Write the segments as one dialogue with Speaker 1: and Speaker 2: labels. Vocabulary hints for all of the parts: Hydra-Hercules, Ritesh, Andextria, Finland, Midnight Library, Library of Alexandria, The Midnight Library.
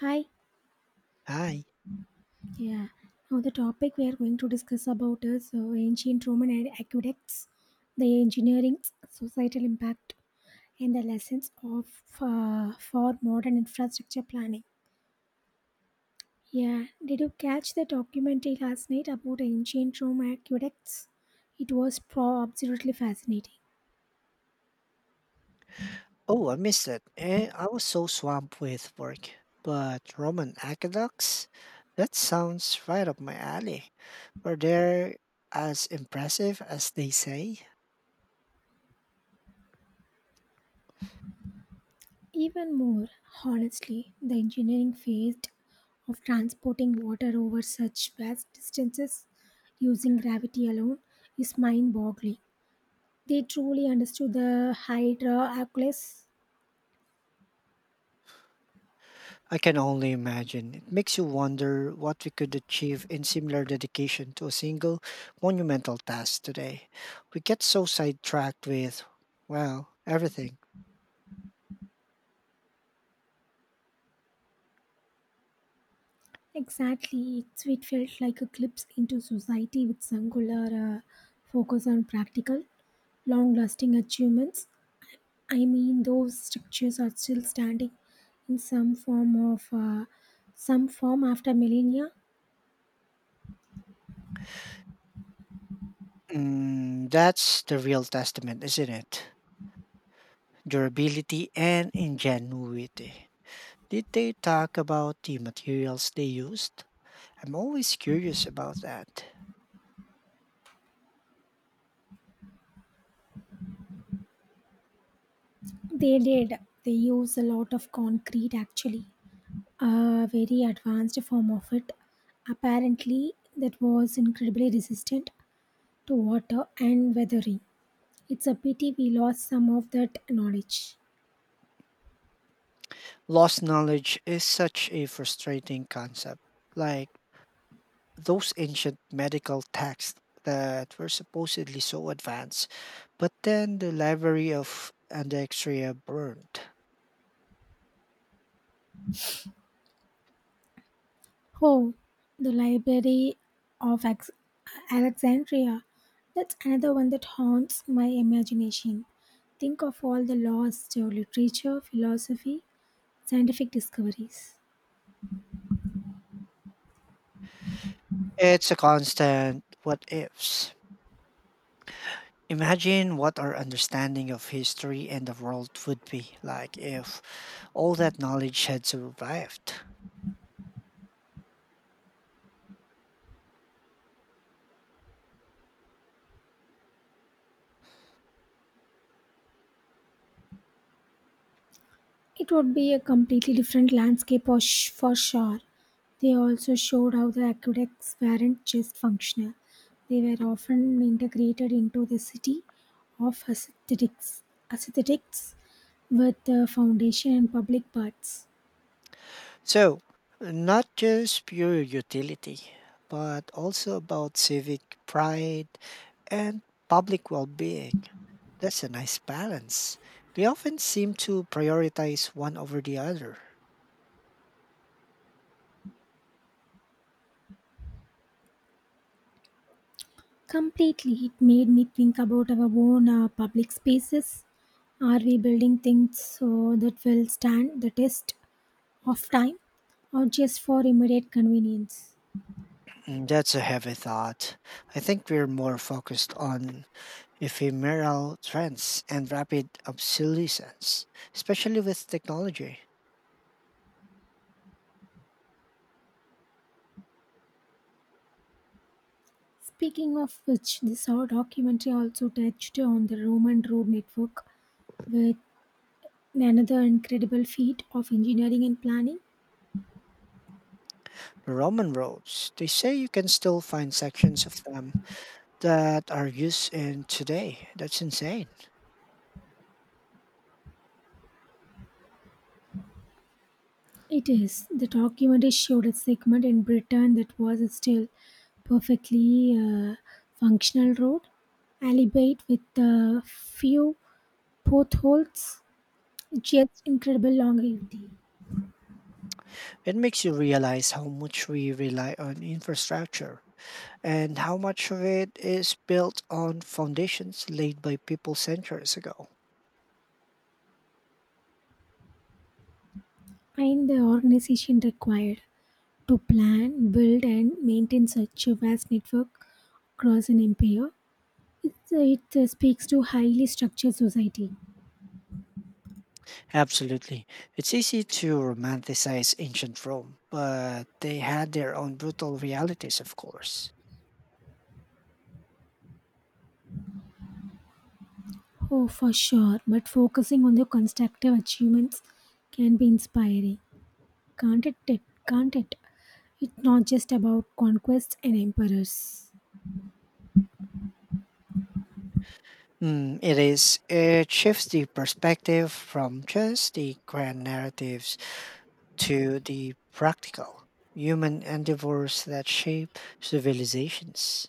Speaker 1: Hi.
Speaker 2: Hi.
Speaker 1: Yeah. Now the topic we are going to discuss about is ancient Roman and aqueducts, the engineering, societal impact, and the lessons of for modern infrastructure planning. Yeah. Did you catch the documentary last night about ancient Rome aqueducts? It was pro absolutely fascinating.
Speaker 2: Oh, I missed it. I was so swamped with work. But Roman aqueducts? That sounds right up my alley. Are they as impressive as they say?
Speaker 1: Even more, honestly, the engineering phase of transporting water over such vast distances using gravity alone is mind boggling. They truly understood the Hydra-Hercules.
Speaker 2: I can only imagine. It makes you wonder what we could achieve in similar dedication to a single monumental task today. We get so sidetracked with, well, everything.
Speaker 1: Exactly, it felt like a glimpse into society with singular focus on practical, long lasting achievements. I mean, those structures are still standing in some form after millennia.
Speaker 2: Mm, that's the real testament, isn't it? Durability and ingenuity. Did they talk about the materials they used? I'm always curious about that.
Speaker 1: They did. They use a lot of concrete actually, a very advanced form of it. Apparently, that was incredibly resistant to water and weathering. It's a pity we lost some of that knowledge.
Speaker 2: Lost knowledge is such a frustrating concept. Like, those ancient medical texts that were supposedly so advanced, but then the library of Andextria burned.
Speaker 1: Oh, the Library of Alexandria. That's another one that haunts my imagination. Think of all the lost literature, philosophy, scientific discoveries.
Speaker 2: It's a constant what ifs. Imagine what our understanding of history and the world would be like if all that knowledge had survived.
Speaker 1: It would be a completely different landscape for sure. They also showed how the aqueducts weren't just functional, they were often integrated into the city of aesthetics with the foundation and public baths.
Speaker 2: So, not just pure utility, but also about civic pride and public well being. That's a nice balance. We often seem to prioritize one over the other.
Speaker 1: Completely, it made me think about our own public spaces. Are we building things so that will stand the test of time or just for immediate convenience?
Speaker 2: Mm, that's a heavy thought. I think we're more focused on ephemeral trends and rapid obsolescence, especially with technology.
Speaker 1: Speaking of which, this our documentary also touched on the Roman road network with another incredible feat of engineering and planning.
Speaker 2: The Roman roads, they say you can still find sections of them that are used in today. That's insane.
Speaker 1: It is. The documentary showed a segment in Britain that was still perfectly functional road, albeit with a few potholes, just incredible longevity
Speaker 2: It makes you realize how much we rely on infrastructure and how much of it is built on foundations laid by people centuries ago.
Speaker 1: and the organization required. To plan, build, and maintain such a vast network across an empire, it speaks to highly structured society.
Speaker 2: Absolutely. It's easy to romanticize ancient Rome, but they had their own brutal realities, of course.
Speaker 1: Oh, for sure, but focusing on the constructive achievements can be inspiring. Can't it? Can't it? It's not just about conquests and emperors.
Speaker 2: Mm, it is. It shifts the perspective from just the grand narratives to the practical human endeavors that shape civilizations.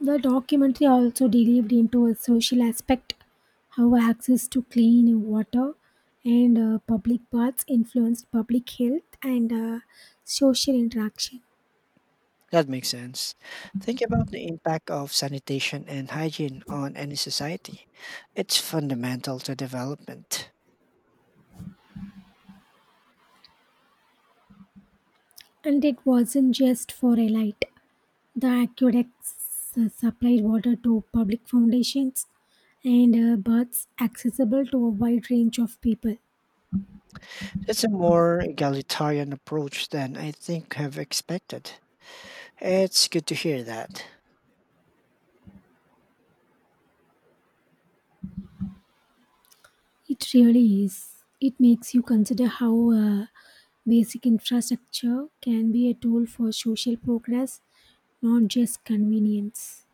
Speaker 1: The documentary also delved into a social aspect, how access to clean water and public baths influenced public health and social interaction.
Speaker 2: That makes sense. Think about the impact of sanitation and hygiene on any society. It's fundamental to development.
Speaker 1: And it wasn't just for elite. The aqueducts supplied water to public foundations and baths accessible to a wide range of people.
Speaker 2: It's a more egalitarian approach than I think have expected. It's good to hear that.
Speaker 1: It really is. It makes you consider how basic infrastructure can be a tool for social progress, not just convenience.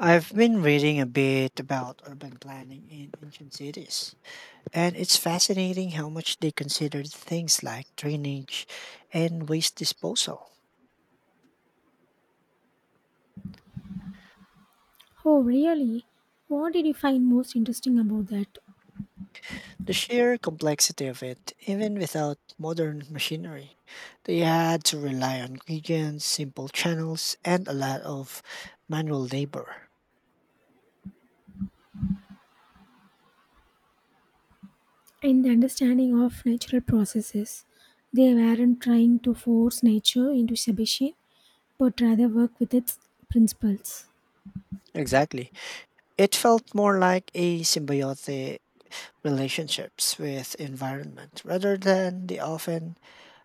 Speaker 2: I've been reading a bit about urban planning in ancient cities, and it's fascinating how much they considered things like drainage and waste disposal.
Speaker 1: Oh, really? What did you find most interesting about that?
Speaker 2: The sheer complexity of it, even without modern machinery, they had to rely on gradients, simple channels, and a lot of manual labor.
Speaker 1: In the understanding of natural processes, they weren't trying to force nature into submission, but rather work with its principles.
Speaker 2: Exactly. It felt more like a symbiotic relationships with environment rather than the often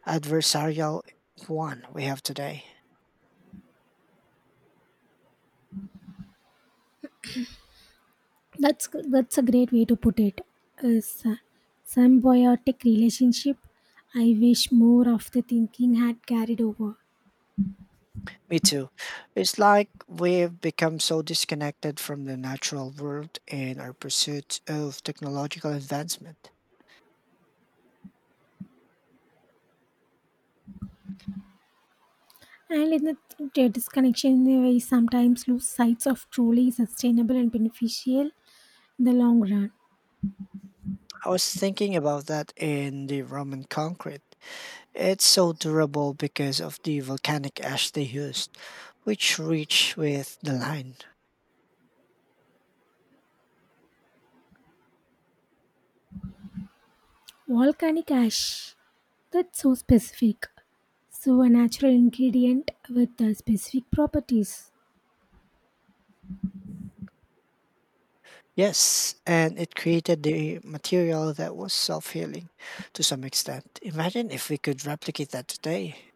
Speaker 2: adversarial one we have today.
Speaker 1: That's a great way to put it. A symbiotic relationship. I wish more of the thinking had carried over.
Speaker 2: Me too. It's like we've become so disconnected from the natural world in our pursuit of technological advancement.
Speaker 1: And in the disconnection, we sometimes lose sight of truly sustainable and beneficial in the long run.
Speaker 2: I was thinking about that in the Roman concrete. It's so durable because of the volcanic ash they used, which reached with the line.
Speaker 1: Volcanic ash. That's so specific. So a natural ingredient with specific properties.
Speaker 2: Yes, and it created the material that was self healing to some extent. Imagine if we could replicate that today.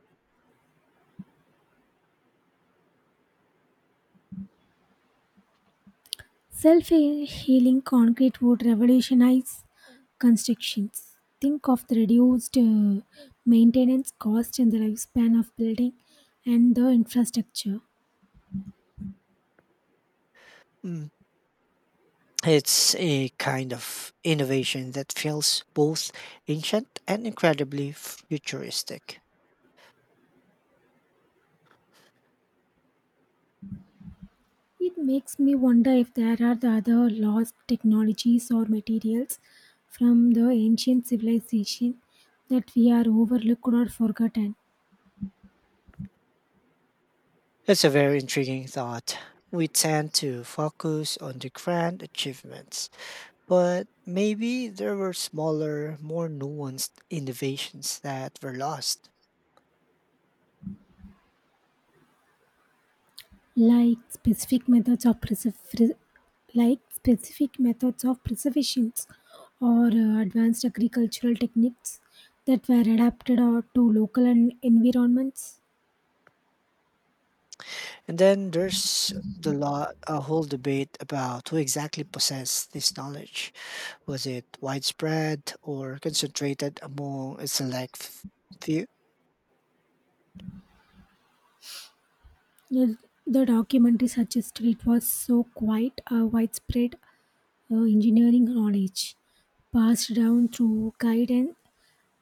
Speaker 1: Self healing concrete would revolutionize constructions. Think of the reduced maintenance cost in the lifespan of building and the infrastructure.
Speaker 2: Hmm. It's a kind of innovation that feels both ancient and incredibly futuristic.
Speaker 1: It makes me wonder if there are the other lost technologies or materials from the ancient civilization that we are overlooked or forgotten.
Speaker 2: It's a very intriguing thought. We tend to focus on the grand achievements, but maybe there were smaller, more nuanced innovations that were lost.
Speaker 1: like specific methods of preserv- like specific methods of preservation, or advanced agricultural techniques that were adapted or to local environments.
Speaker 2: And then there's the lot, a whole debate about who exactly possessed this knowledge. Was it widespread or concentrated among a few?
Speaker 1: The, the documentary suggested it was so quite a widespread engineering knowledge passed down through guide and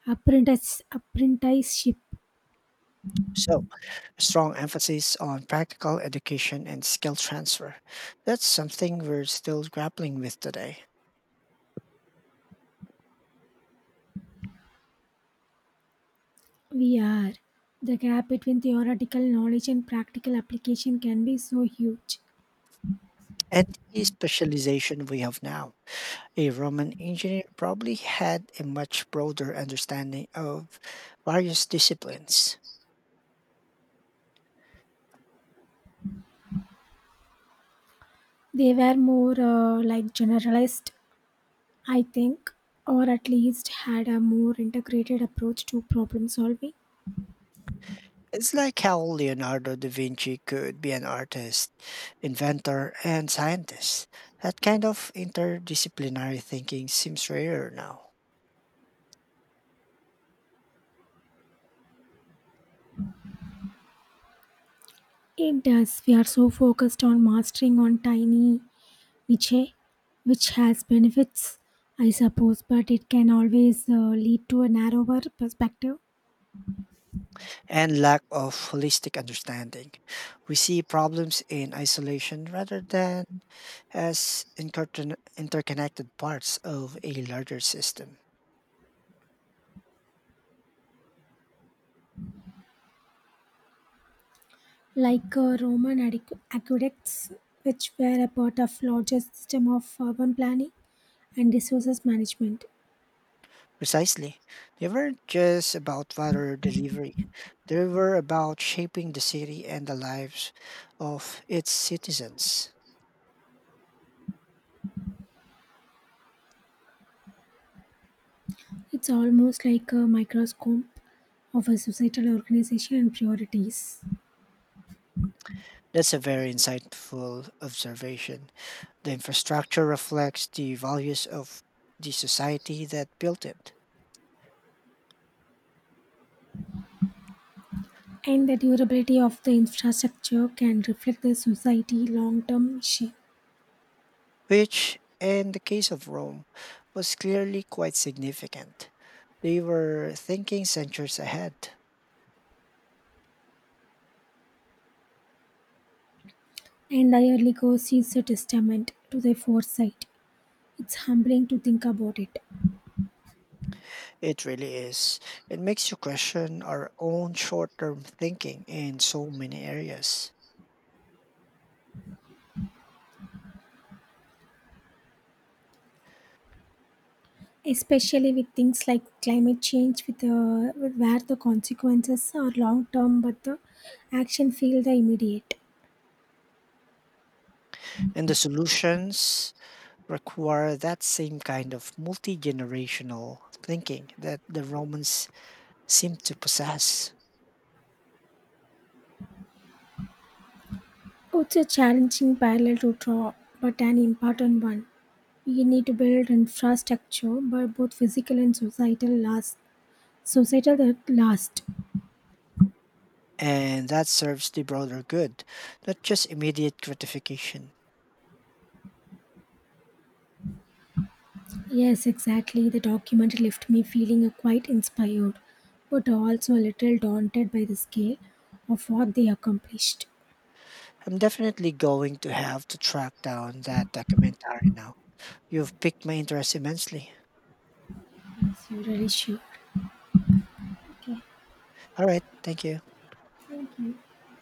Speaker 1: apprenticeship.
Speaker 2: So, a strong emphasis on practical education and skill transfer. That's something we're still grappling with today.
Speaker 1: We are. The gap between theoretical knowledge and practical application can be so huge.
Speaker 2: And the specialization we have now. A Roman engineer probably had a much broader understanding of various disciplines.
Speaker 1: They were more like generalist, I think, or at least had a more integrated approach to problem solving.
Speaker 2: It's like how Leonardo da Vinci could be an artist, inventor, and scientist. That kind of interdisciplinary thinking seems rarer now,
Speaker 1: It does. We are so focused on mastering on tiny niche, which has benefits, I suppose, but it can always lead to a narrower perspective,
Speaker 2: and lack of holistic understanding. We see problems in isolation rather than as interconnected parts of a larger system.
Speaker 1: like Roman aqueducts, which were a part of larger system of urban planning and resources management.
Speaker 2: Precisely. They weren't just about water delivery. They were about shaping the city and the lives of its citizens.
Speaker 1: It's almost like a microscope of a societal organization and priorities.
Speaker 2: That's a very insightful observation. The infrastructure reflects the values of the society that built it,
Speaker 1: And the durability of the infrastructure can reflect the society long term shape.
Speaker 2: which, in the case of Rome, was clearly quite significant. They were thinking centuries ahead.
Speaker 1: And the yearly goals is a testament to their foresight. It's humbling to think about it,
Speaker 2: It really is. It makes you question our own short term thinking in so many areas.
Speaker 1: especially with things like climate change, with where the consequences are long term, but the action feel the immediate.
Speaker 2: And the solutions require that same kind of multi generational thinking that the Romans seem to possess.
Speaker 1: Oh, it's a challenging parallel to draw, but an important one. We need to build infrastructure, but both physical and societal last. Societal that last.
Speaker 2: And that serves the broader good, not just immediate gratification.
Speaker 1: Yes, exactly. The document left me feeling quite inspired, but also a little daunted by the scale of what they accomplished.
Speaker 2: I'm definitely going to have to track down that documentary now. You've piqued my interest immensely.
Speaker 1: Yes, you really sure. Okay,
Speaker 2: All right, thank you.
Speaker 1: thank you.